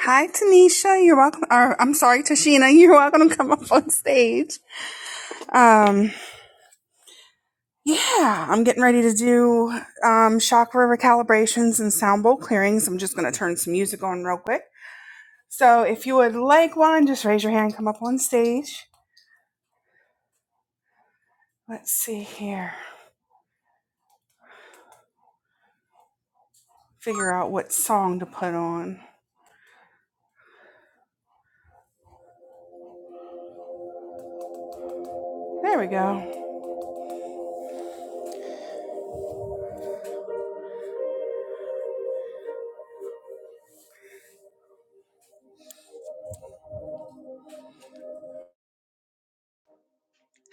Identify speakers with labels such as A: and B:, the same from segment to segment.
A: Hi, Tanisha. You're welcome. Or, I'm sorry, Tashina. You're welcome to come up on stage. Um, yeah, I'm getting ready to do um, chakra recalibrations and sound bowl clearings. I'm just going to turn some music on real quick. So if you would like one, just raise your hand, come up on stage. Let's see here. Figure out what song to put on. There we go.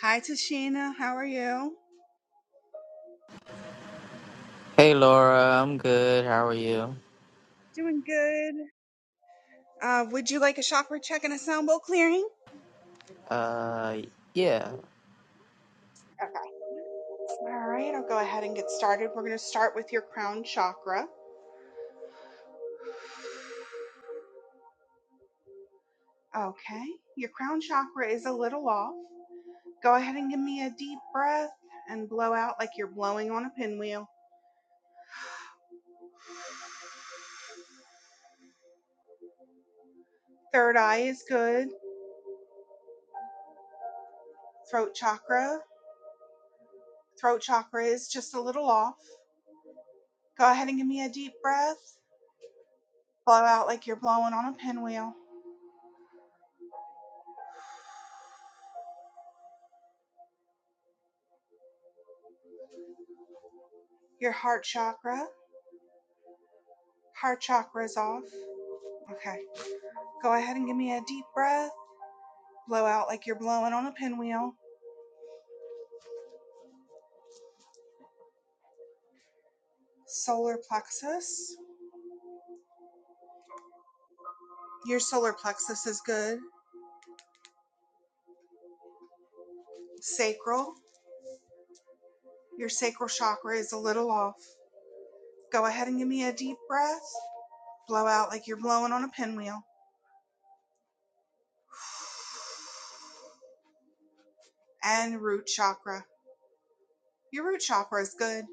A: Hi, Tashina. How are you?
B: Hey Laura, I'm good. How are you?
A: Doing good. Uh, would you like a chakra check and a sound bowl clearing?
B: Uh, yeah,
A: All right, I'll go ahead and get started. We're going to start with your crown chakra. Okay, your crown chakra is a little off. Go ahead and give me a deep breath and blow out like you're blowing on a pinwheel. Third eye is good. Throat chakra, throat chakra is just a little off. Go ahead and give me a deep breath. Blow out like you're blowing on a pinwheel. Your heart chakra, heart chakra is off. Okay, go ahead and give me a deep breath. Blow out like you're blowing on a pinwheel. solar plexus. Your solar plexus is good. Sacral. Your sacral chakra is a little off. Go ahead and give me a deep breath. Blow out like you're blowing on a pinwheel. And root chakra. Your root chakra is good.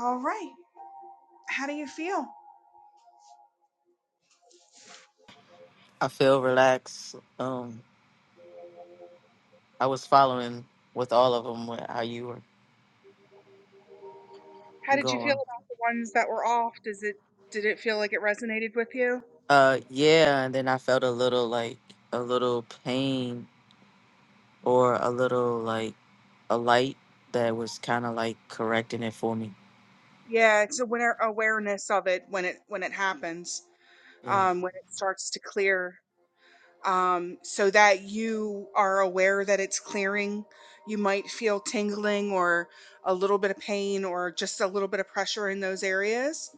A: All right. How do you feel?
B: I feel relaxed. Um, I was following with all of them how you were
A: How did you feel
B: going.
A: about the ones that were off? Does it did it feel like it resonated with you?
B: Uh, yeah, and then I felt a little like a little pain or a little like a light that was kind of like correcting it for me.
A: Yeah, it's aware awareness of it when it when it happens.
B: Yeah,
A: Um, when it starts to clear um, so that you are aware that it's clearing. You might feel tingling or a little bit of pain or just a little bit of pressure in those areas.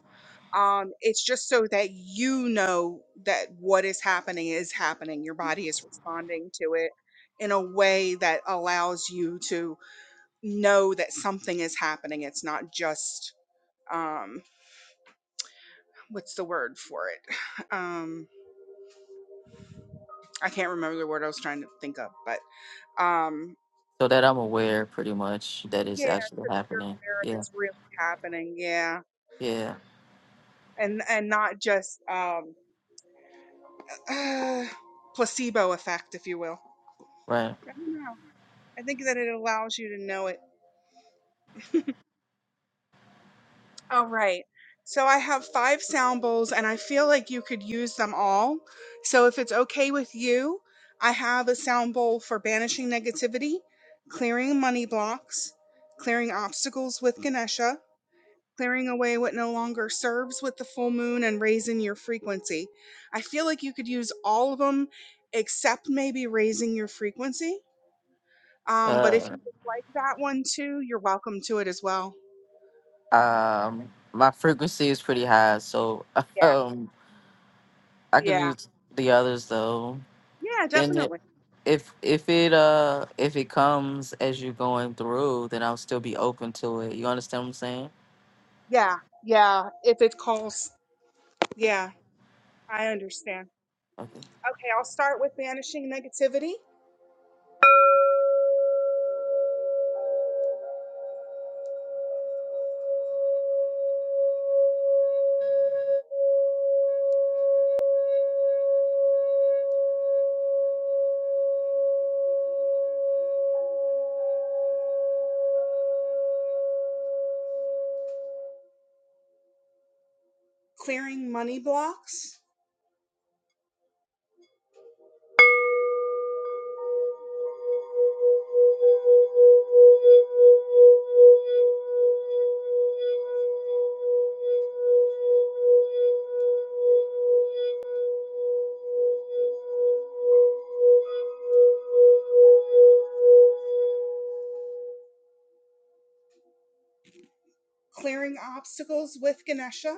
A: Um, it's just so that you know that what is happening is happening. Your body is responding to it in a way that allows you to know that something is happening. It's not just, um, what's the word for it? Um, I can't remember the word I was trying to think of, but. um
B: so that I'm aware pretty much that is
A: Yeah,
B: actually
A: so that you're
B: happening.
A: aware of
B: Yeah,
A: it's really happening. Yeah,
B: yeah,
A: and and not just um, uh, placebo effect, if you will.
B: right.
A: I don't know. I think that it allows you to know it. All right. So I have five sound bowls, and I feel like you could use them all. So if it's okay with you, I have a sound bowl for banishing negativity, clearing money blocks, clearing obstacles with Ganesha, clearing away what no longer serves with the full moon and raising your frequency. I feel like you could use all of them except maybe raising your frequency. Um, but if
B: Uh,
A: you like that one too, you're welcome to it as well.
B: um, my frequency is pretty high, so um I
A: Yeah,
B: can
A: yeah,
B: do the others though.
A: yeah,
B: And it,
A: definitely.
B: if if it uh if it comes as you're going through, then I'll still be open to it. You understand what I'm saying?
A: Yeah, yeah, if it calls. Yeah, I understand.
B: Okay.
A: Okay, I'll start with banishing negativity, clearing money blocks, clearing obstacles with Ganesha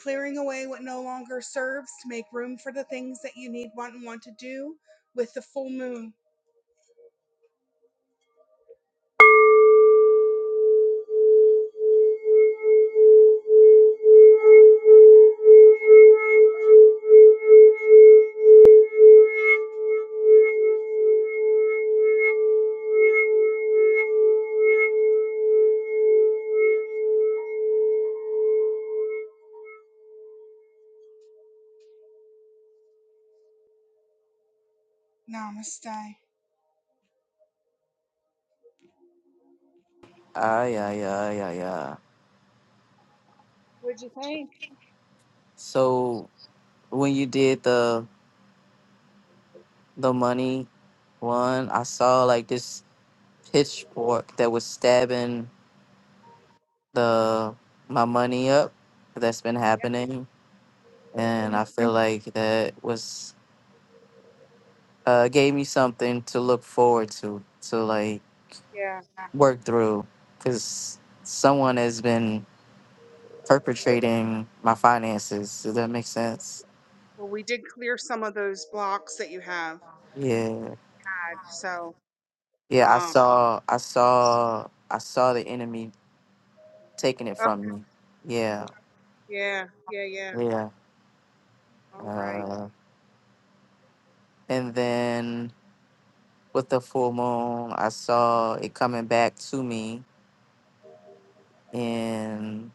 A: clearing away what no longer serves to make room for the things that you need, want, and want to do with the full moon. Namaste.
B: Ah yeah yeah yeah yeah.
A: What'd you think?
B: So when you did the the money one, I saw like this pitchfork that was stabbing the my money up that's been happening,
A: Yeah.
B: and
A: Mhm.
B: I feel like that was uh gave me something to look forward to. To like
A: Yeah.
B: work through because someone has been perpetrating my finances. Does that make sense?
A: Well, we did clear some of those blocks that you have.
B: Yeah.
A: So,
B: Yeah, I
A: um,
B: saw I saw I saw the enemy taking it
A: oh,
B: from me. Yeah.
A: yeah, yeah, yeah.
B: Yeah.
A: All right,
B: Uh, and then with the full moon, I saw it coming back to me in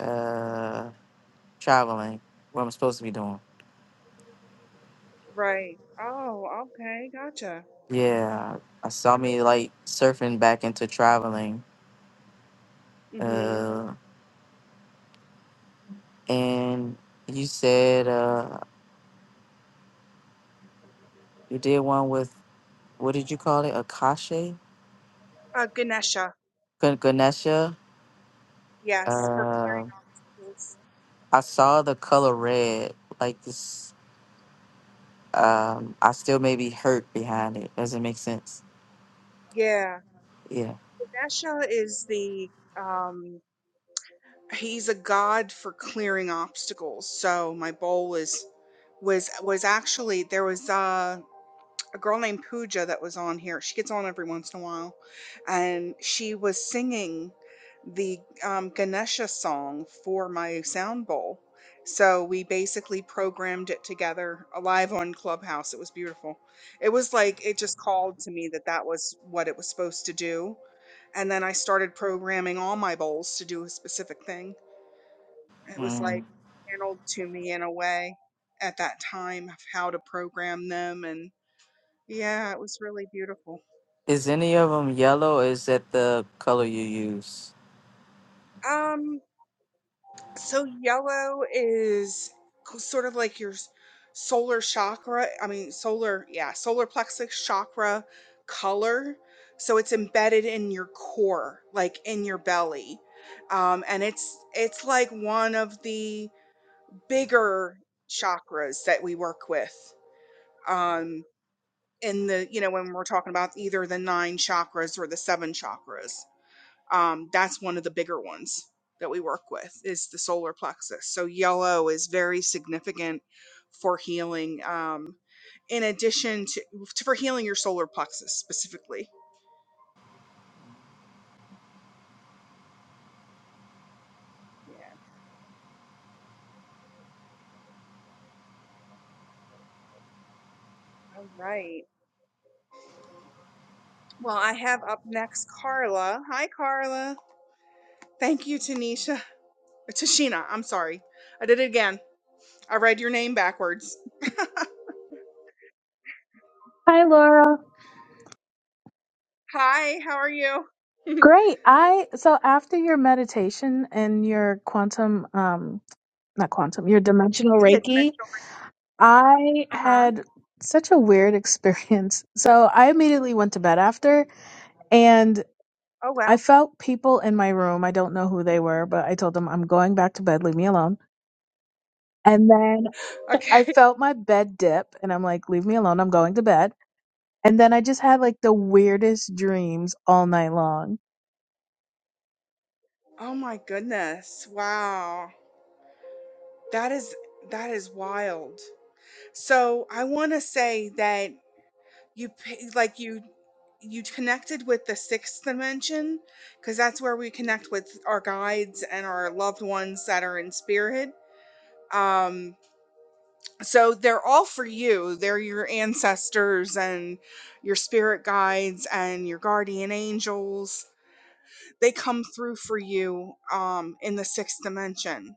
B: uh traveling, what I'm supposed to be doing.
A: right. Oh, okay, gotcha.
B: Yeah. I saw
A: Wonderful.
B: me like surfing back into traveling.
A: Mm-hmm.
B: Uh, and you said uh, you did one with what did you call it? Akashe
A: Uh, Ganesha.
B: Gan- Ganesha.
A: Yes, for
B: Uh, I saw the color red. Like this, um, I still may be hurt behind it. Does it make sense?
A: Yeah.
B: Yeah.
A: Ganesha is the um he's a god for clearing obstacles. So my bowl was was was actually there was uh, a girl named Pooja that was on here. She gets on every once in a while, and she was singing the um, Ganesha song for my sound bowl. So we basically programmed it together uh, live on Clubhouse. It was beautiful. It was like it just called to me that that was what it was supposed to do. And then I started programming all my bowls to do a specific thing it was like
B: Mm.
A: channeled to me in a way at that time of how to program them and yeah, it was really beautiful.
B: Is any of them yellow? Or is that the color you use?
A: Um so yellow is co- sort of like your s- solar chakra, I mean solar, yeah, solar plexus chakra color. So it's embedded in your core, like in your belly. Um and it's it's like one of the bigger chakras that we work with. Um in the you know when we're talking about either the nine chakras or the seven chakras um that's one of the bigger ones that we work with is the solar plexus so yellow is very significant for healing um in addition to, to for healing your solar plexus specifically Yeah. All right. Well, I have up now. thank you tanisha tashina i'm sorry i did it again I read your name backwards.
C: Hi, Laura.
A: You?
C: Great. I so after your meditation and your quantum, um, not quantum, your dimensional
A: Yeah, it's meant.
C: Reiki, I
A: Uh huh.
C: had such a weird experience. So I immediately went to bed after, and
A: Oh
C: I
A: wow.
C: felt people in my room. I don't know who they were, but I told them I'm going back to bed. Leave me alone. And then I
A: Okay.
C: felt my bed dip, and I'm like, leave me alone. I'm going to bed. And then I just had like the weirdest dreams all night long.
A: Oh my goodness. Wow. That is that is wild. So I want to say that you pi- like you you connected with the sixth dimension because that's where we connect with our guides and our loved ones that are in spirit. Um, so they're all for you. They're your ancestors and your spirit guides and your guardian angels they come through for you um in the sixth dimension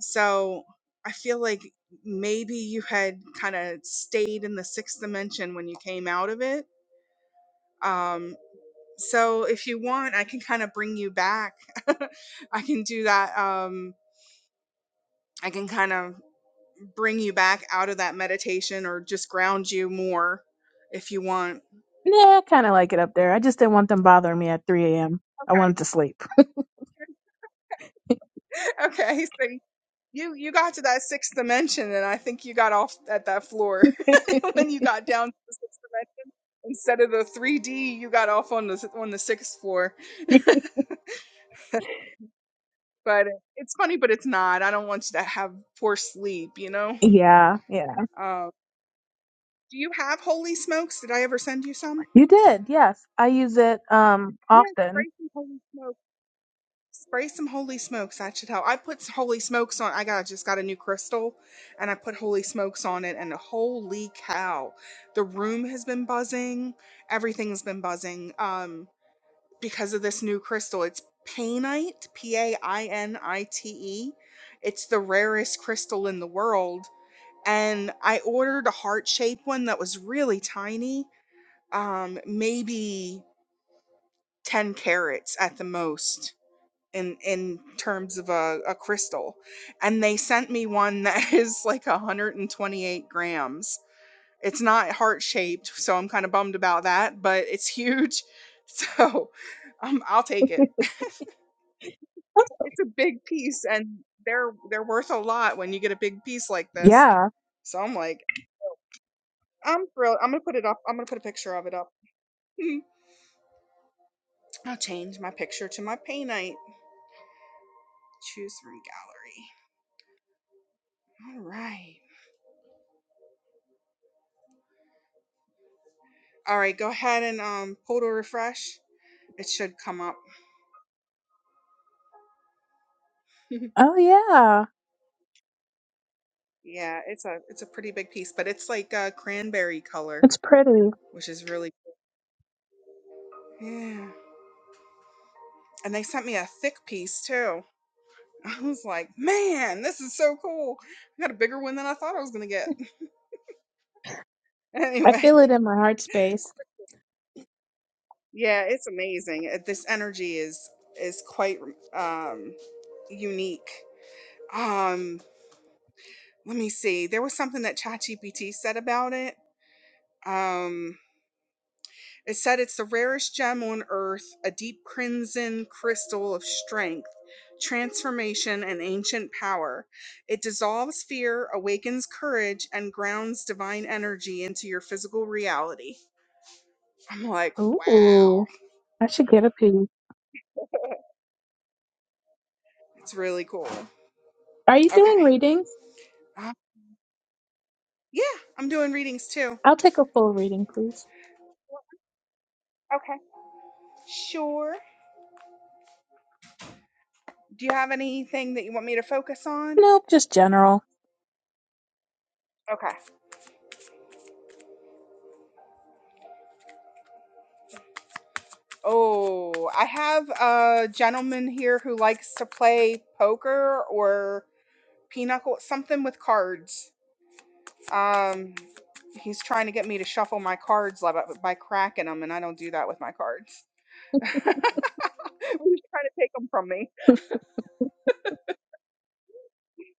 A: so i feel like maybe you had kind of stayed in the sixth dimension when you came out of it um so if you want i can kind of bring you back i can do that um i can kind of bring you back out of that meditation or just ground you more if you want
C: Yeah, I kind of like it up there. I just didn't want them bothering me at 3 a.m. I wanted to sleep.
A: okay so You you got to that sixth dimension, and I think you got off at that floor when you got down to the sixth dimension. Instead of the three D, you got off on the on the sixth floor. but it's funny, but it's not. I don't want you to have poor sleep. You know.
C: yeah, yeah.
A: Um, do you have holy smokes? Did I ever send you some?
C: You did, yes. I use it um
A: Yes,
C: often.
A: pray some holy smokes. Spray some holy smokes. That should help. I put holy smokes on. I got just got a new crystal, and I put holy smokes on it, and holy cow, the room has been buzzing. Everything's been buzzing. Um, because of this new crystal. It's painite, P A I N I T E. It's the rarest crystal in the world, and I ordered a heart shaped one that was really tiny. Um, maybe ten carats at the most in in terms of a, a crystal and they sent me one that is like 128 grams it's not heart shaped so i'm kind of bummed about that but it's huge so um, i'll take it it's a big piece and they're they're worth a lot when you get a big piece like this
C: Yeah.
A: so i'm like i'm thrilled i'm gonna put it up i'm gonna put a picture of it up Hmm. i'll change my picture to my pay night choose from gallery all right all right go ahead and um pull to refresh It should come up.
C: Oh, yeah.
A: Yeah, it's a it's a pretty big piece, but it's like a cranberry color,
C: It's pretty.
A: which is really yeah. And they sent me a thick piece too. I was like, man, this is so cool. I got a bigger one than I thought I was gonna get.
C: I
A: Anyway,
C: feel it in my heart space.
A: yeah, it's amazing. Uh, This energy is is quite um, unique. Um, let me see. There was something that ChatGPT said about it. Um, It said it's the rarest gem on earth, a deep crimson crystal of strength, transformation, and ancient power. It dissolves fear, awakens courage, and grounds divine energy into your physical reality. I'm like, wow,
C: Ooh, I should get a piece.
A: it's really cool.
C: Are you
A: Okay.
C: doing readings?
A: Uh, yeah, I'm doing readings too.
C: I'll take a full reading, please.
A: Okay. Sure. Do you have anything that you want me to focus on?
C: Nope, just general.
A: Okay. Oh, I have a gentleman here who likes to play poker or pinochle, something with cards. Um, he's trying to get me to shuffle my cards li- by, by cracking them, and I don't do that with my cards. he's trying to take them from me.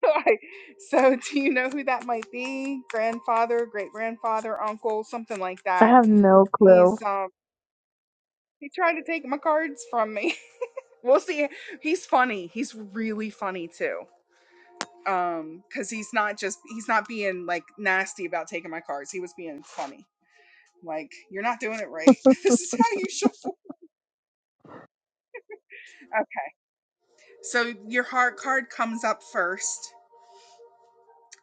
A: Like, so, do you know who that might be? Grandfather, great grandfather, uncle, something like
C: I
A: that.
C: have no clue.
A: He's um, he tried to take my cards from me. we'll see. He's funny. He's really funny too. um because he's not just he's not being like nasty about taking my cards he was being funny like you're not doing it right this is how you shuffle okay so your heart card comes up first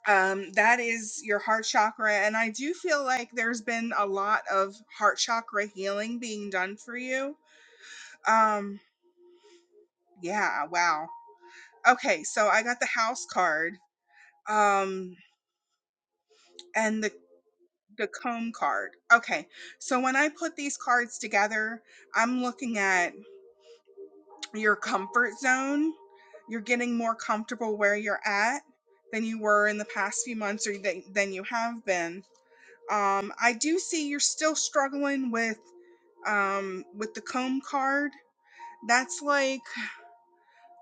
A: um that is your heart chakra and i do feel like there's been a lot of heart chakra healing being done for you um yeah wow okay so i got the house card um and the the comb card. Okay. So when I put these cards together, I'm looking at your comfort zone. You're getting more comfortable where you're at than you were in the past few months or than, than you have been. Um, I do see you're still struggling with um, with the comb card. That's like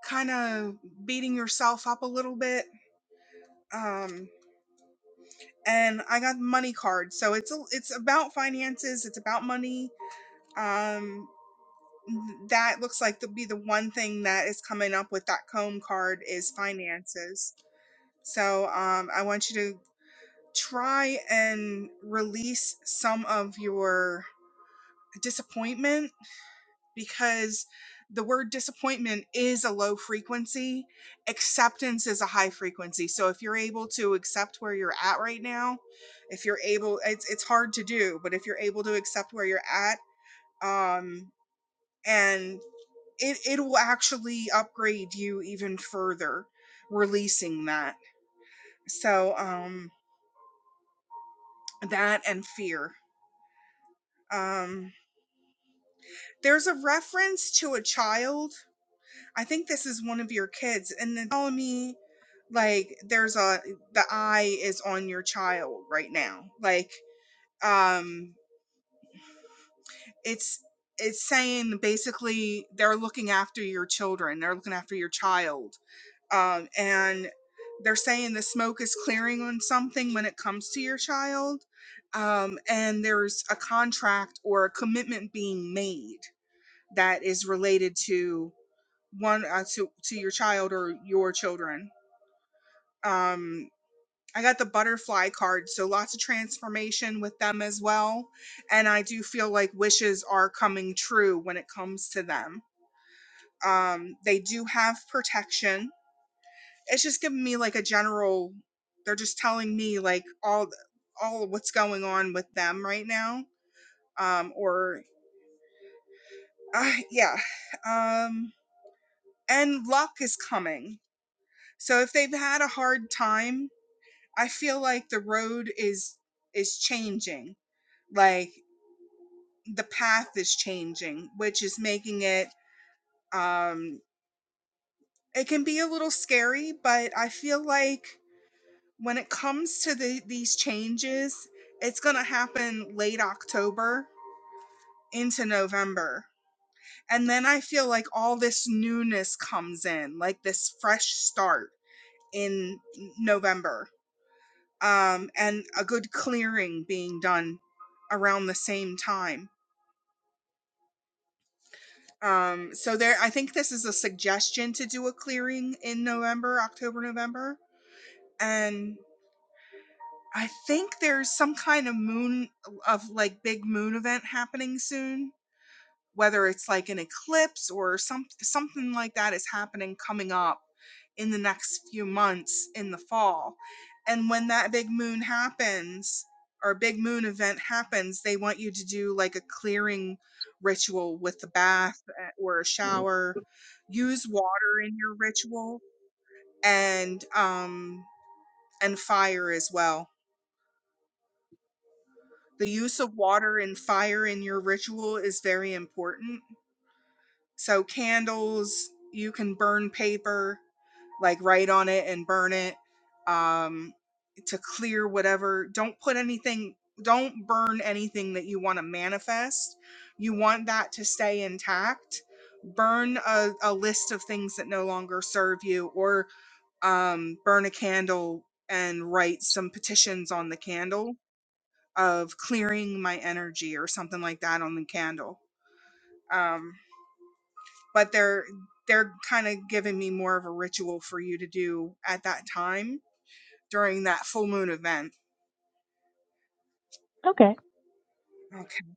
A: kind of beating yourself up a little bit. Um, and I got the money card, so it's a, it's about finances, it's about money. Um, that looks like to be the one thing that is coming up with that comb card is finances. So um, I want you to try and release some of your disappointment because the word disappointment is a low frequency. Acceptance is a high frequency. So if you're able to accept where you're at right now, if you're able, it's it's hard to do, but if you're able to accept where you're at, um, and it it'll actually upgrade you even further releasing that so um that and fear um there's a reference to a child i think this is one of your kids and then telling me like there's a the eye is on your child right now like um it's it's saying basically they're looking after your children they're looking after your child um, and they're saying the smoke is clearing on something when it comes to your child um, and there's a contract or a commitment being made that is related to one uh, to, to your child or your children um, i got the butterfly card so lots of transformation with them as well and i do feel like wishes are coming true when it comes to them um, they do have protection it's just giving me like a general they're just telling me like all the, all of what's going on with them right now um or uh, yeah um and luck is coming so if they've had a hard time i feel like the road is is changing like the path is changing which is making it um it can be a little scary but i feel like when it comes to the, these changes, it's going to happen late October into November. And then I feel like all this newness comes in, like this fresh start in November, um, and a good clearing being done around the same time. Um, so there, I think this is a suggestion to do a clearing in November, October, November, and. I think there's some kind of moon of like big moon event happening soon, whether it's like an eclipse or some something like that is happening coming up in the next few months in the fall. And when that big moon happens or big moon event happens, they want you to do like a clearing ritual with the bath uh, or a shower, use water in your ritual and um and fire as well. The use of water and fire in your ritual is very important. So, candles, you can burn paper, like write on it and burn it um, to clear whatever. Don't put anything, don't burn anything that you want to manifest. You want that to stay intact. Burn a, a list of things that no longer serve you, or um, burn a candle and write some petitions on the candle of clearing my energy or something like that on the candle. Um, but they're they're kind of giving me more of a ritual for you to do at that time during that full moon event.
C: Okay.
A: Okay.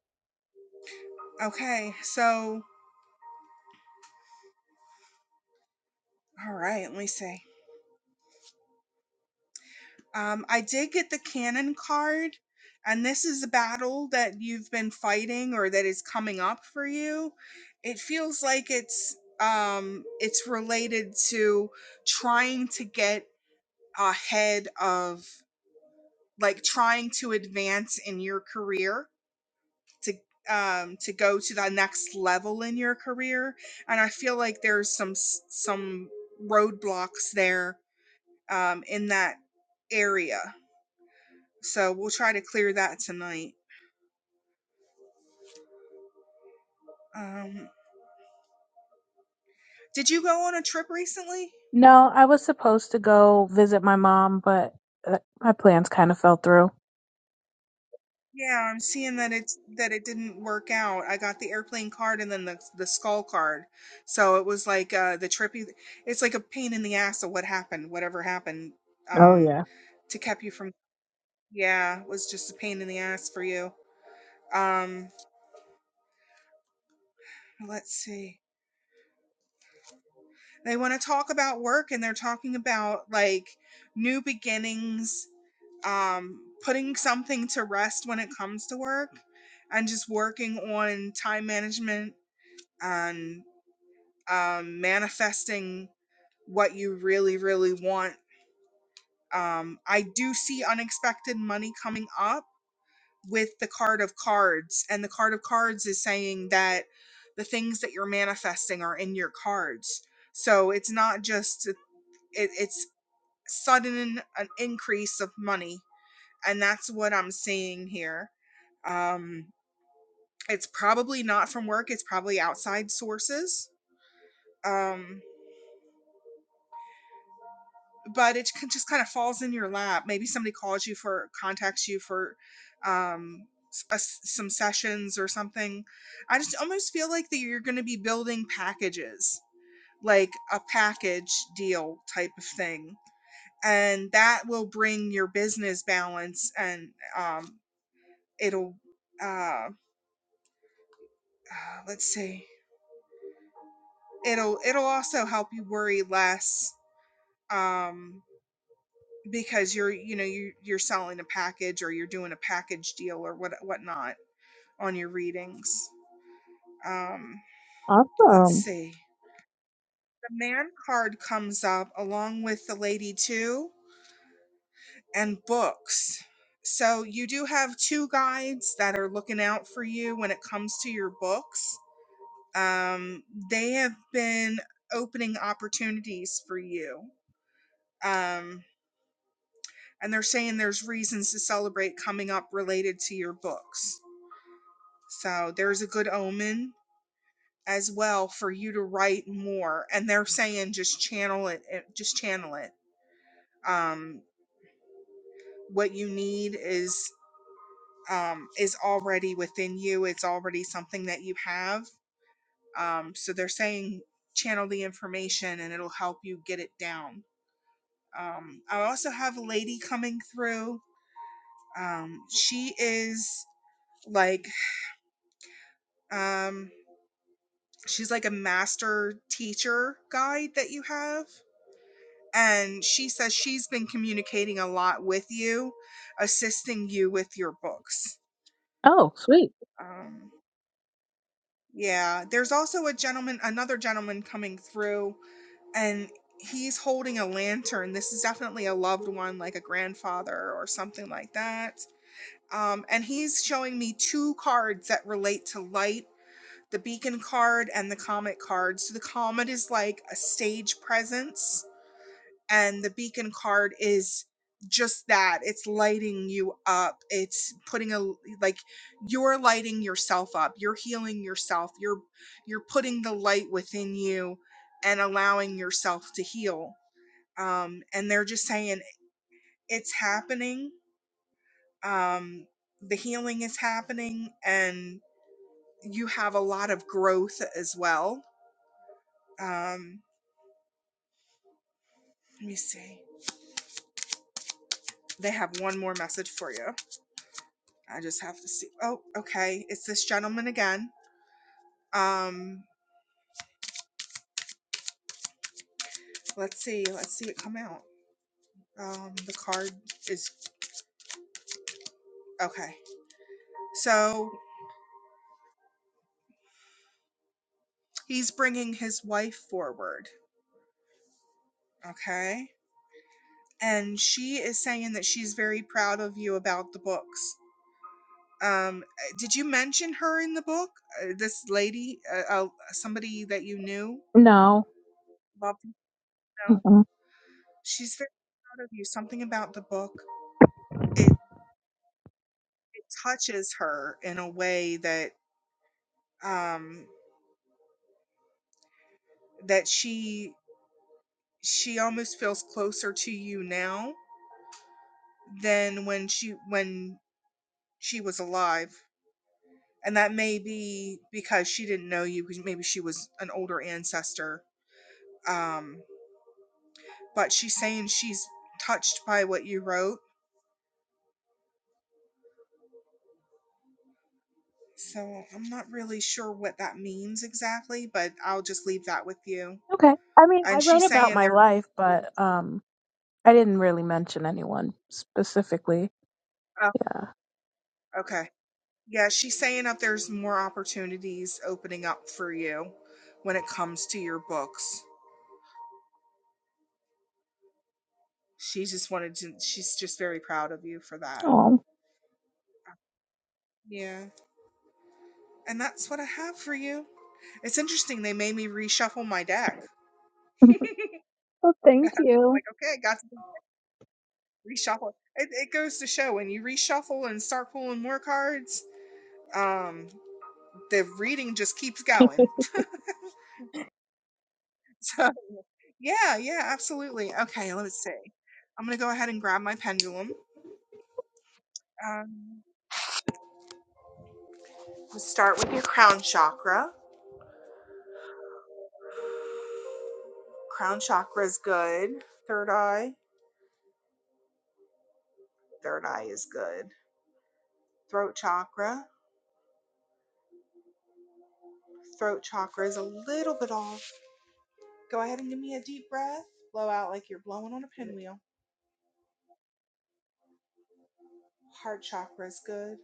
A: Okay. So, all right. Let me see. Um, I did get the cannon card, and this is a battle that you've been fighting or that is coming up for you. It feels like it's um, it's related to trying to get ahead of like trying to advance in your career to um to go to the next level in your career and i feel like there's some s- some roadblocks there um in that area so we'll try to clear that tonight um did you go on a trip recently
C: No, I was supposed to go visit my mom, but uh, my plans kind of fell through.
A: Yeah, I'm seeing that it's that it didn't work out. I got the airplane card and then the the skull card. So it was like uh the trippy it's like a pain in the ass of what happened, whatever happened
C: Oh,
A: um
C: yeah.
A: to keep you from yeah, was just a pain in the ass for you. Um let's see. They want to talk about work and they're talking about like new beginnings, um putting something to rest when it comes to work and just working on time management and. um, manifesting what you really, really want. Um, I do see unexpected money coming up with the card of cards, and the card of cards is saying that the things that you're manifesting are in your cards. So it's not just it, it's sudden an increase of money, and that's what I'm seeing here. Um, it's probably not from work; it's probably outside sources. Um, but it can- just kind of falls in your lap. Maybe somebody calls you for contacts you for um, s- a s- some sessions or something. I just almost feel like that you're going to be building packages, like a package deal type of thing, and that will bring your business balance and um, it'll uh, uh, let's see, it'll it'll also help you worry less. Um, because you're you know you you're selling a package or you're doing a package deal or what whatnot on your readings. Um, let's
C: Awesome.
A: see. The man card comes up along with the lady too and books. So you do have two guides that are looking out for you when it comes to your books. Um, they have been opening opportunities for you. Um, and they're saying there's reasons to celebrate coming up related to your books So there's a good omen as well for you to write more. And they're saying just channel it, it- just channel it. Um, what you need is um, is already within you. It's already something that you have. Um, so they're saying channel the information, and it'll help you get it down. Um, I also have a lady coming through. Um, she is like um, she's like a master teacher guide that you have and she says she's been communicating a lot with you, assisting you with your books.
C: Oh, sweet.
A: Um, yeah, there's also a gentleman, another gentleman coming through, and he's holding a lantern. This is definitely a loved one, like a grandfather or something like that. Um, and he's showing me two cards that relate to light the beacon card and the comet card. So the comet is like a stage presence and the beacon card is just that it's lighting you up it's putting a like you're lighting yourself up you're healing yourself you're you're putting the light within you and allowing yourself to heal um and they're just saying it's happening um the healing is happening and you have a lot of growth as well um let me see they have one more message for you I just have to see. Oh, okay. It's this gentleman again. Um, let's see. Let's see it come out. Um, the card is okay. So he's bringing his wife forward. Okay. And she is saying that she's very proud of you about the books. Um, uh, did you mention her in the book? Uh, this lady, uh, uh, somebody that you knew?
C: No.
A: Love to know.
C: Mm-mm.
A: She's very proud of you. Something about the book. It it touches her in a way that um, that she she almost feels closer to you now than when she when she was alive and that may be because she didn't know you because maybe she was an older ancestor um but she's saying she's touched by what you wrote so i'm not really sure what that means exactly but i'll just leave that with you
C: Okay. I mean, I
A: and
C: wrote
A: she's
C: about
A: saying
C: my
A: there
C: life, but um, I didn't really mention anyone specifically.
A: oh,
C: Yeah.
A: okay Yeah, she's saying that there's more opportunities opening up for you when it comes to your books. She just wanted to, she's just very proud of you for that.
C: Oh.
A: Yeah. And that's what I have for you. It's interesting. They made me reshuffle my deck. like,
C: well, thank you.
A: okay, I got to reshuffle. It, it goes to show when you reshuffle and start pulling more cards, um, the reading just keeps going. So, yeah, yeah, absolutely. Okay, let's see. I'm going to go ahead and grab my pendulum. Um, Let's Start with your crown chakra. Crown chakra is good. Third eye. Third eye is good. Throat chakra. Throat chakra is a little bit off. Go ahead and give me a deep breath. Blow out like you're blowing on a pinwheel. Heart chakra is good.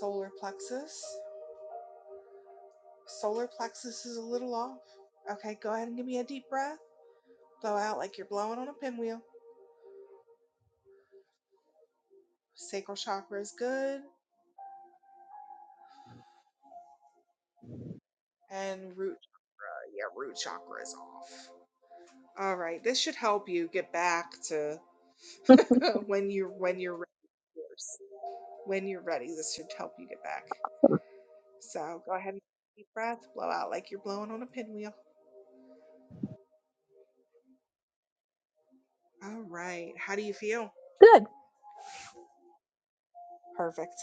A: Solar plexus. Solar plexus is a little off. Okay, go ahead and give me a deep breath. Blow out like you're blowing on a pinwheel. Sacral chakra is good. And root, uh, yeah, root chakra is off. All right, this should help you get back to when you're when you're ready, of course. When you're ready, this should help you get back. So go ahead and deep breath, blow out like you're blowing on a pinwheel. All right. How do you feel?
C: Good.
A: Perfect.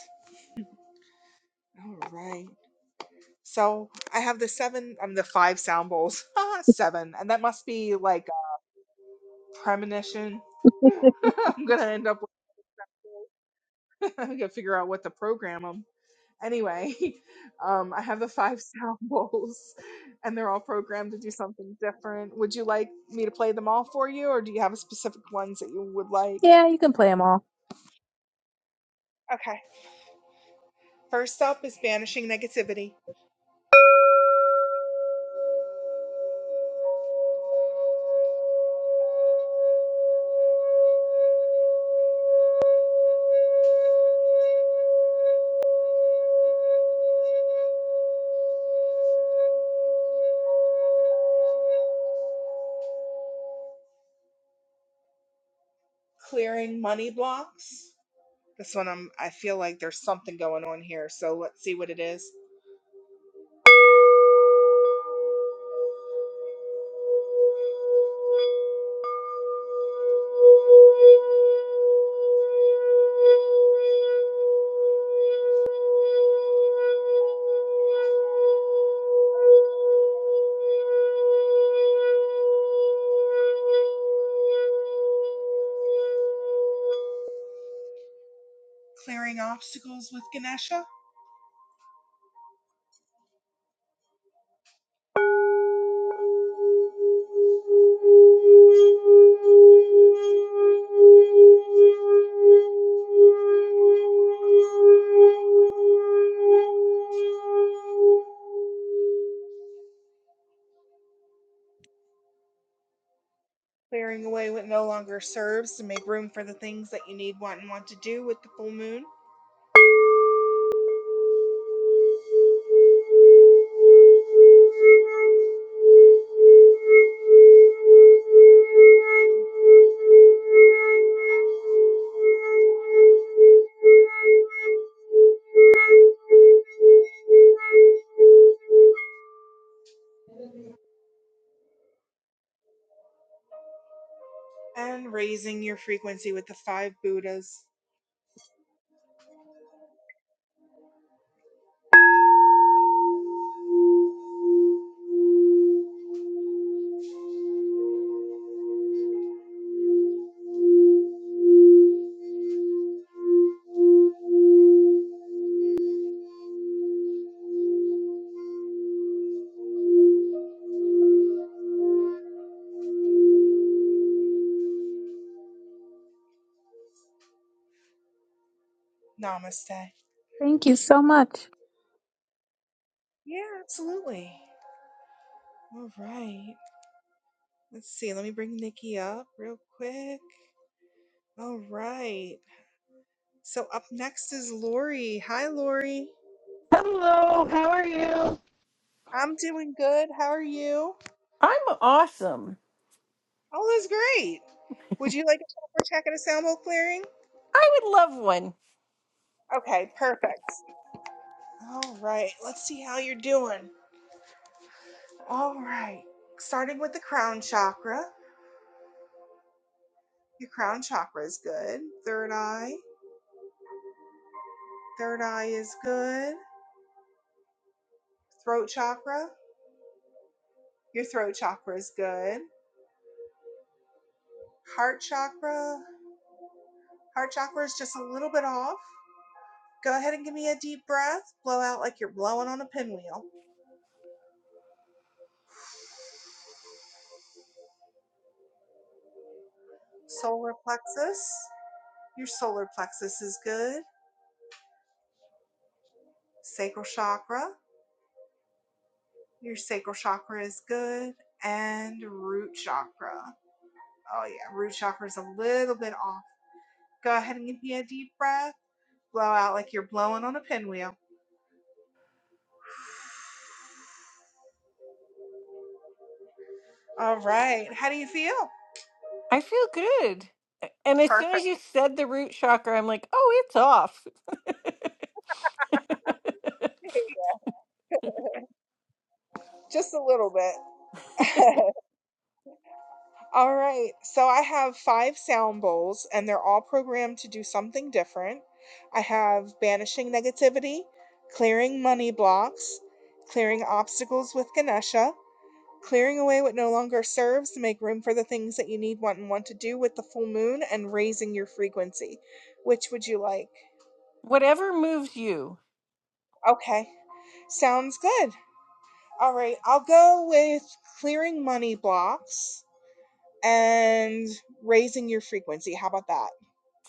A: All right. So I have the seven, I'm the five sound bowls. Ah, seven. And that must be like a premonition. I'm gonna end up with, I'm gonna figure out what to program them. Anyway, um, I have the five sound bowls, and they're all programmed to do something different. Would you like me to play them all for you, or do you have specific ones that you would like?
C: Yeah, you can play them all.
A: Okay. First up is banishing negativity, clearing money blocks. This one, I'm, I feel like there's something going on here, so let's see what it is. Clearing obstacles with Ganesha, clearing away what no longer serves to make room for the things that you need, want, and want to do with the full moon. and raising your frequency with the five Buddhas. Namaste.
C: Thank you so much.
A: Yeah, absolutely. All right. Let's see. Let me bring Nikki up real quick. All right. So up next is Lori. Hi, Lori.
D: Hello, how are you?
A: I'm doing good. How are you?
D: I'm awesome.
A: All is great. Would you like a chakra check at a sample clearing?
D: I would love one.
A: Okay, perfect. All right. Let's see how you're doing. All right. Starting with the crown chakra. Your crown chakra is good. Third eye. Third eye is good. Throat chakra. Your throat chakra is good. Heart chakra. Heart chakra is just a little bit off. Go ahead and give me a deep breath. Blow out like you're blowing on a pinwheel. Solar plexus. Your solar plexus is good. Sacral chakra. Your sacral chakra is good. And root chakra. Oh, yeah. Root chakra is a little bit off. Go ahead and give me a deep breath. Blow out like you're blowing on a pinwheel. All right. How do you feel?
D: I feel good. And as soon as
A: Perfect.
D: you said the root chakra, I'm like, oh, it's off.
A: Just a little bit. all right. So I have five sound bowls, and they're all programmed to do something different. I have banishing negativity, clearing money blocks, clearing obstacles with Ganesha, clearing away what no longer serves to make room for the things that you need, want, and want to do with the full moon, and raising your frequency. Which would you like?
D: Whatever moves you
A: Okay. Sounds good. All right. I'll go with clearing money blocks. and raising your frequency. How about that?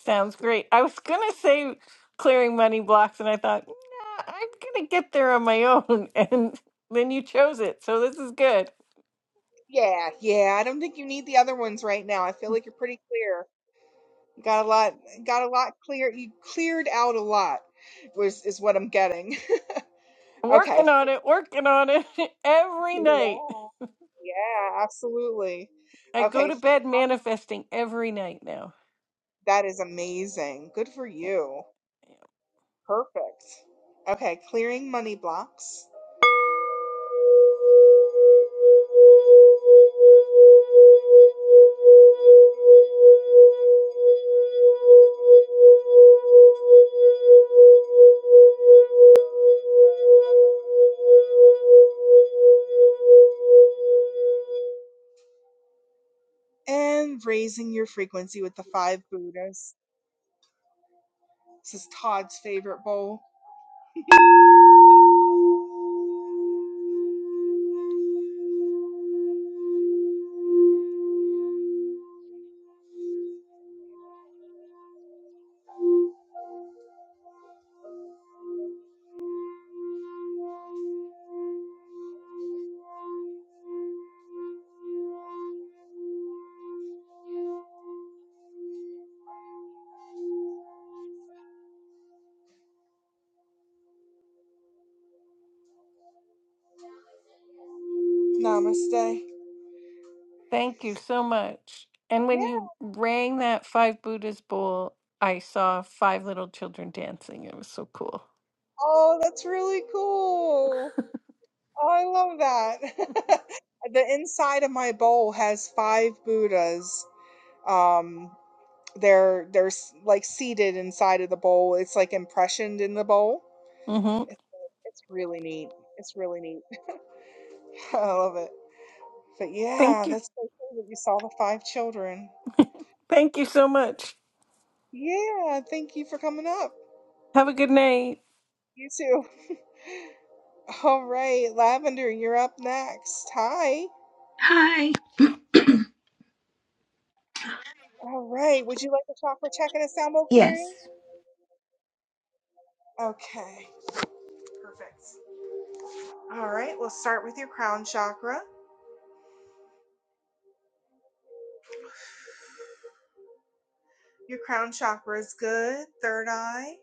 D: sounds great. I was going to say clearing money blocks, and I thought, nah, I'm going to get there on my own. And then you chose it. So this is good.
A: Yeah, yeah. I don't think you need the other ones right now. I feel like you're pretty clear. You Got a lot, got a lot clear. You cleared out a lot, was is what I'm getting. Okay.
D: Working on it, working on it every
A: Yeah,
D: night.
A: yeah, absolutely.
D: I go
A: Okay,
D: to
A: so
D: bed manifesting every night now.
A: that is amazing. Good for you.
D: Damn.
A: Perfect. Okay, clearing money blocks and raising your frequency with the five Buddhas. This is Todd's favorite bowl. Namaste.
D: Thank you so much. And
A: Yeah.
D: when you rang that five Buddhas bowl, I saw five little children dancing. It was so cool.
A: Oh, that's really cool. Oh, I love that. The inside of my bowl has five Buddhas. Um, they're they're s- like seated inside of the bowl. It's like impressioned in the bowl.
D: hmm
A: It's, it's really neat. It's really neat. I love it. But yeah,
D: Thank you.
A: that's so cool that you saw the five children.
D: Thank you so much.
A: Yeah, thank you for coming up.
D: Have a good night.
A: You too. All right, Lavender, you're up next. Hi.
E: Hi.
A: All right. Would you like to talk for chakra a sound bowl
E: Yes.
A: clearing? Okay. Perfect. All right. We'll start with your crown chakra. Your crown chakra is good. Third eye.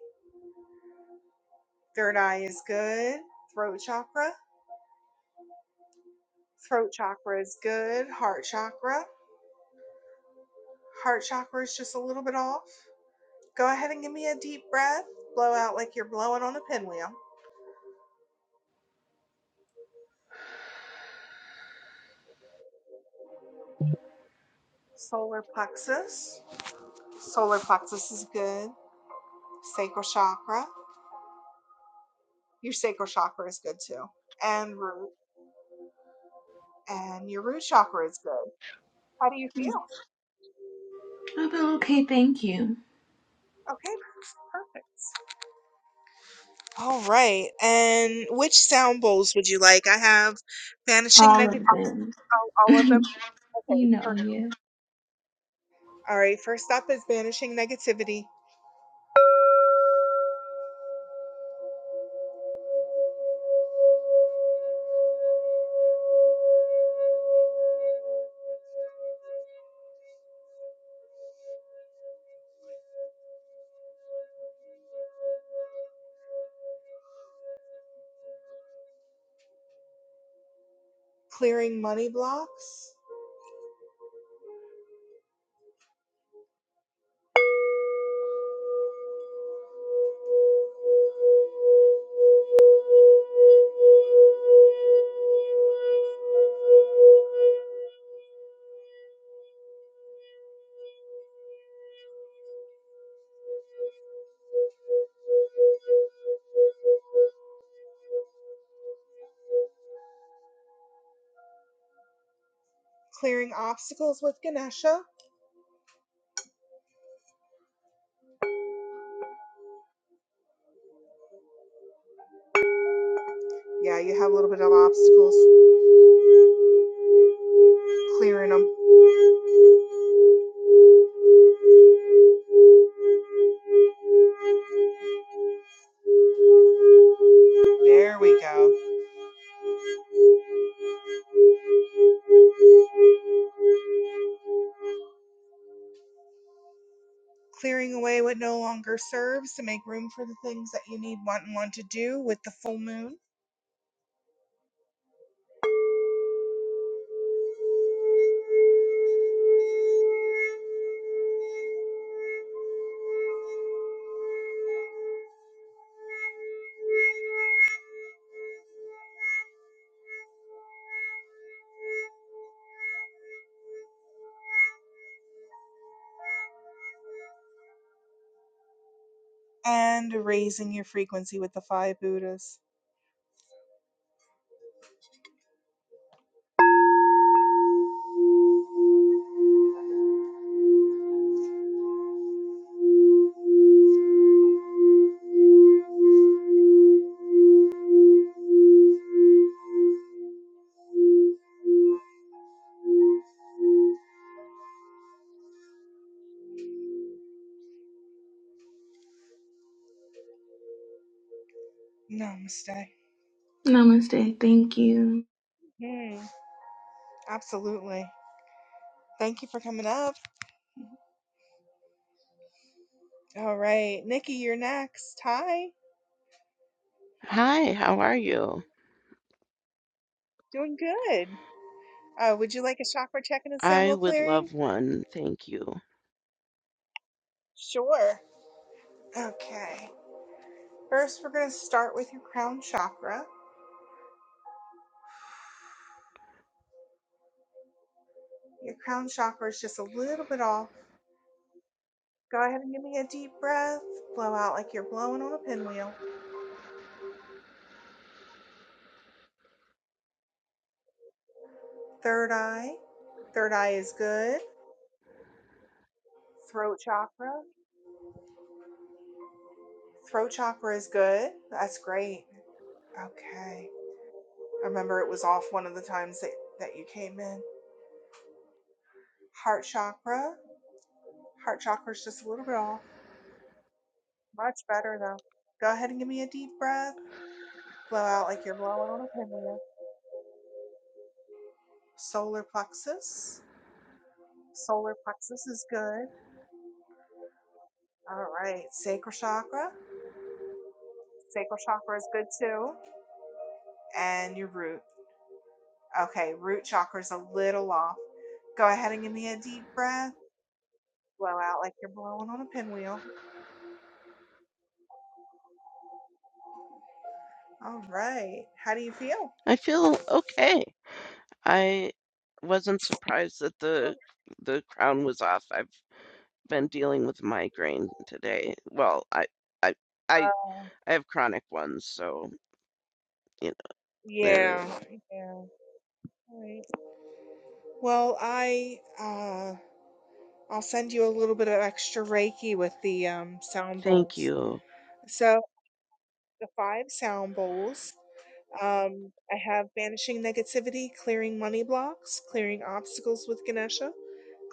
A: Third eye is good. Throat chakra. Throat chakra is good. Heart chakra. Heart chakra is just a little bit off. Go ahead and give me a deep breath. Blow out like you're blowing on a pinwheel. Solar plexus. Solar plexus is good. Sacral chakra. Your sacral chakra is good too and root. and your root chakra is good. How do you feel?
E: Oh, but okay, thank you.
A: Okay, perfect. All right. And which sound bowls would you like? I have Banishing
E: All of
A: Negativity.
E: them.
A: All, all of them?
E: you
A: Okay,
E: know,
A: perfect.
E: yeah.
A: All right, first up is banishing negativity, clearing money blocks, clearing obstacles with Ganesha. Yeah, you have a little bit of obstacles, clearing them. There we go. Clearing away what no longer serves to make room for the things that you need, want, and want to do with the full moon. and raising your frequency with the five Buddhas. Namaste.
E: Namaste. Thank you.
A: Hmm, absolutely. Thank you for coming up. All right, Nikki, you're next. Hi,
F: Hi, how are you?
A: doing good. Uh, would you like a chakra check and a
F: I
A: symbol
F: would
A: clearing?
F: love one, thank you.
A: Sure. Okay. First, we're going to start with your crown chakra. Your crown chakra is just a little bit off. Go ahead and give me a deep breath. Blow out like you're blowing on a pinwheel. Third eye. Third eye is good. Throat chakra. Throat chakra is good. That's great. Okay. I remember it was off one of the times that, that you came in. Heart chakra. Heart chakra is just a little bit off. Much better though. Go ahead and give me a deep breath. Blow out like you're blowing on a pinwheel. Solar plexus. Solar plexus is good. All right. Sacral chakra. Sacral chakra is good too. And your root. Okay. Root chakra is a little off. Go ahead and give me a deep breath. Blow out like you're blowing on a pinwheel. All right. How do you feel?
F: I feel okay. I wasn't surprised that the the crown was off. I've been dealing with migraine today. Well, I I I
A: Oh,
F: I have chronic ones, so you know, they're
A: yeah, yeah. All right. Well, I uh I'll send you a little bit of extra Reiki with the um sound
F: thank
A: bowls.
F: you.
A: So the five sound bowls. Um I have banishing negativity, clearing money blocks, clearing obstacles with Ganesha,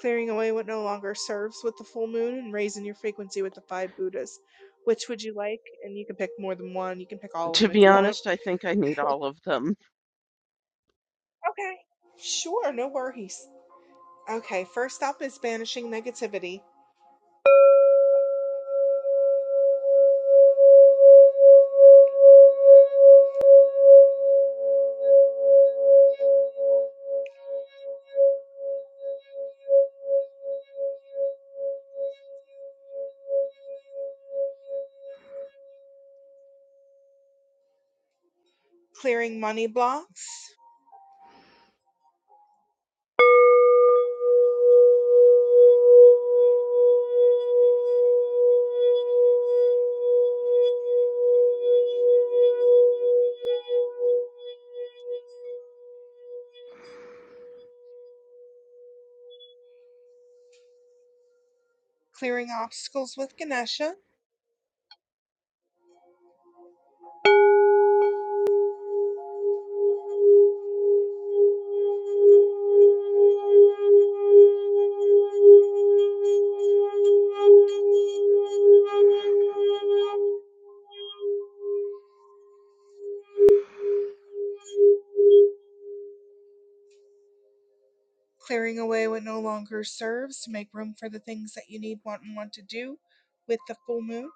A: clearing away what no longer serves with the full moon, and raising your frequency with the five Buddhas. Which would you like? And you can pick more than one. You can pick all of
F: To
A: them if
F: be
A: you want.
F: honest, I think I need all of them.
A: Okay. Sure, no worries. Okay, first up is banishing negativity, clearing money blocks, clearing obstacles with Ganesha, clearing away what no longer serves to make room for the things that you need, want, and want to do with the full moon,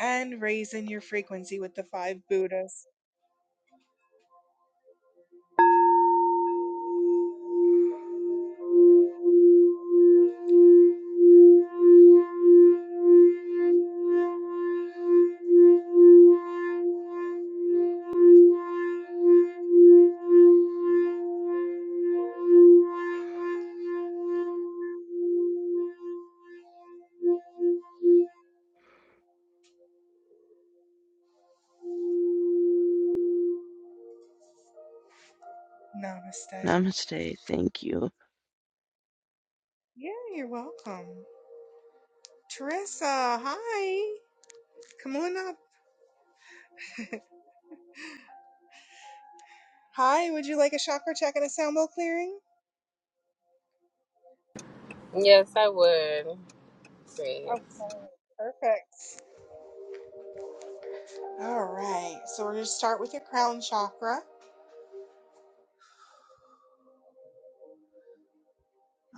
A: and raising your frequency with the five Buddhas. Namaste.
F: Namaste, thank you.
A: Yeah, you're welcome. Teresa, hi. Come on up. Hi, would you like a chakra check and a sound bowl clearing?
G: Yes, I would. Please.
A: Okay, perfect. All right. So we're going to start with your crown chakra.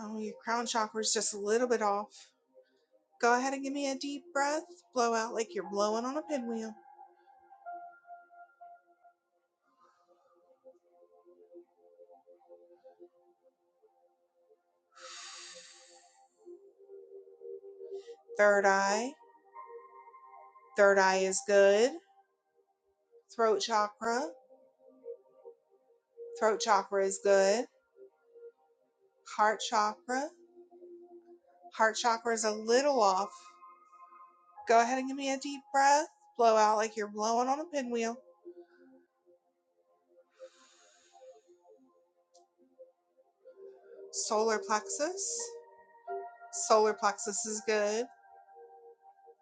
A: Oh, your crown chakra is just a little bit off. Go ahead and give me a deep breath. Blow out like you're blowing on a pinwheel. Third eye. Third eye is good. Throat chakra. Throat chakra is good. Heart chakra. Heart chakra is a little off. Go ahead and give me a deep breath. Blow out like you're blowing on a pinwheel. Solar plexus. Solar plexus is good.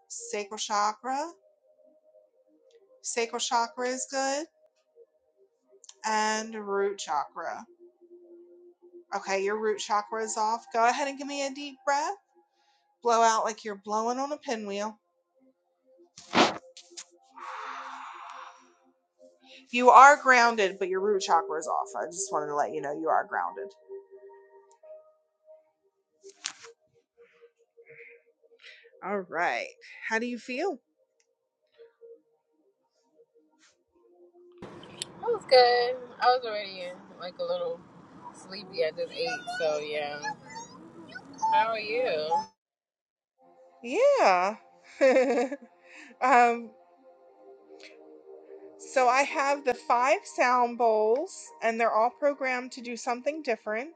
A: Sacral chakra. Sacral chakra is good and root chakra. Okay, your root chakra is off. Go ahead and give me a deep breath. Blow out like you're blowing on a pinwheel. You are grounded, but your root chakra is off. I just wanted to let you know you are grounded. All right. How do you feel?
G: That was good. I was already like a little sleepy. I just ate, so yeah. How are you?
A: Yeah. um, so I have the five sound bowls, and they're all programmed to do something different.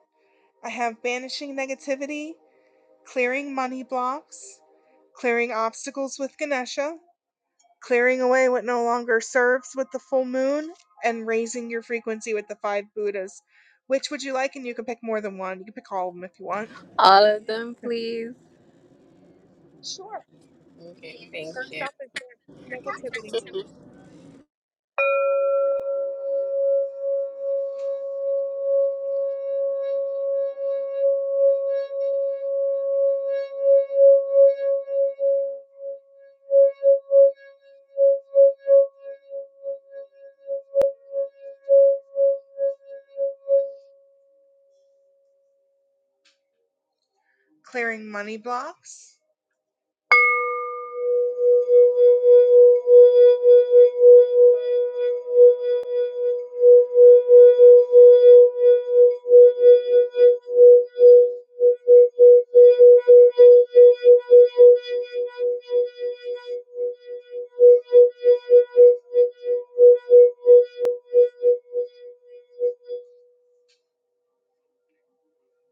A: I have banishing negativity, clearing money blocks, clearing obstacles with Ganesha, clearing away what no longer serves with the full moon and raising your frequency with the five Buddhas. Which would you like? And you can pick more than one. You can pick all of them if you want.
G: All of them, please.
A: Sure.
G: Okay, thank
A: First
G: you.
A: off is the negativity. Clearing money blocks,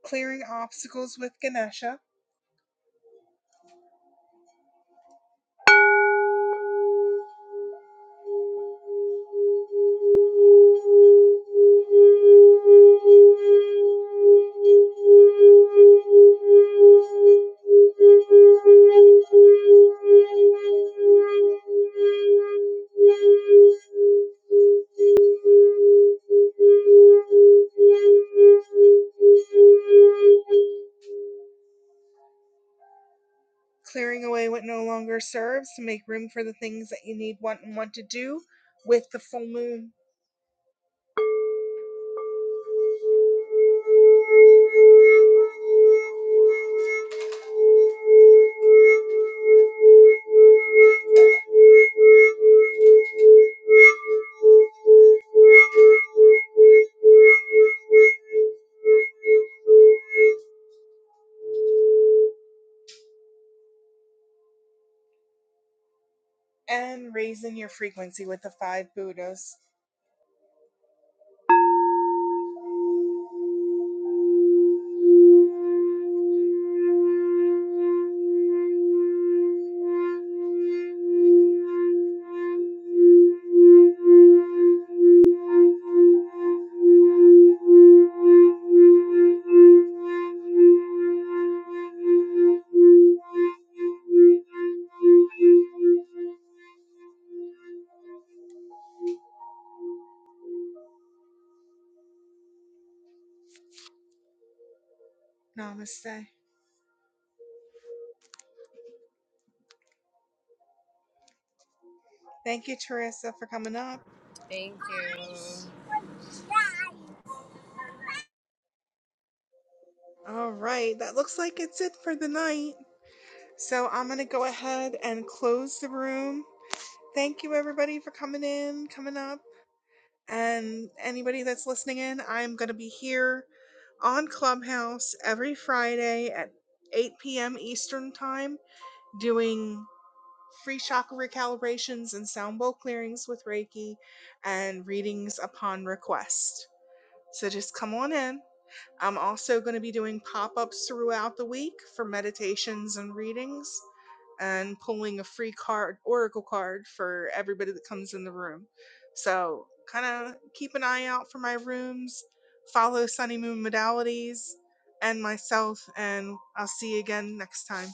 A: clearing obstacles with Ganesha, clearing away what no longer serves to make room for the things that you need, want, and want to do with the full moon, and raising your frequency with the five Buddhas. Namaste. Thank you, Teresa, for coming up.
G: Thank you.
A: All right, that looks like it's it for the night. So I'm going to go ahead and close the room. Thank you, everybody, for coming in, coming up. And anybody that's listening in, I'm going to be here on Clubhouse every Friday at 8 p.m. Eastern Time doing free chakra recalibrations and sound bowl clearings with Reiki and readings upon request. So just come on in. I'm also going to be doing pop ups throughout the week for meditations and readings and pulling a free card, oracle card for everybody that comes in the room. So, kind of keep an eye out for my rooms, follow Sunny Moon Modalities and myself, and I'll see you again next time.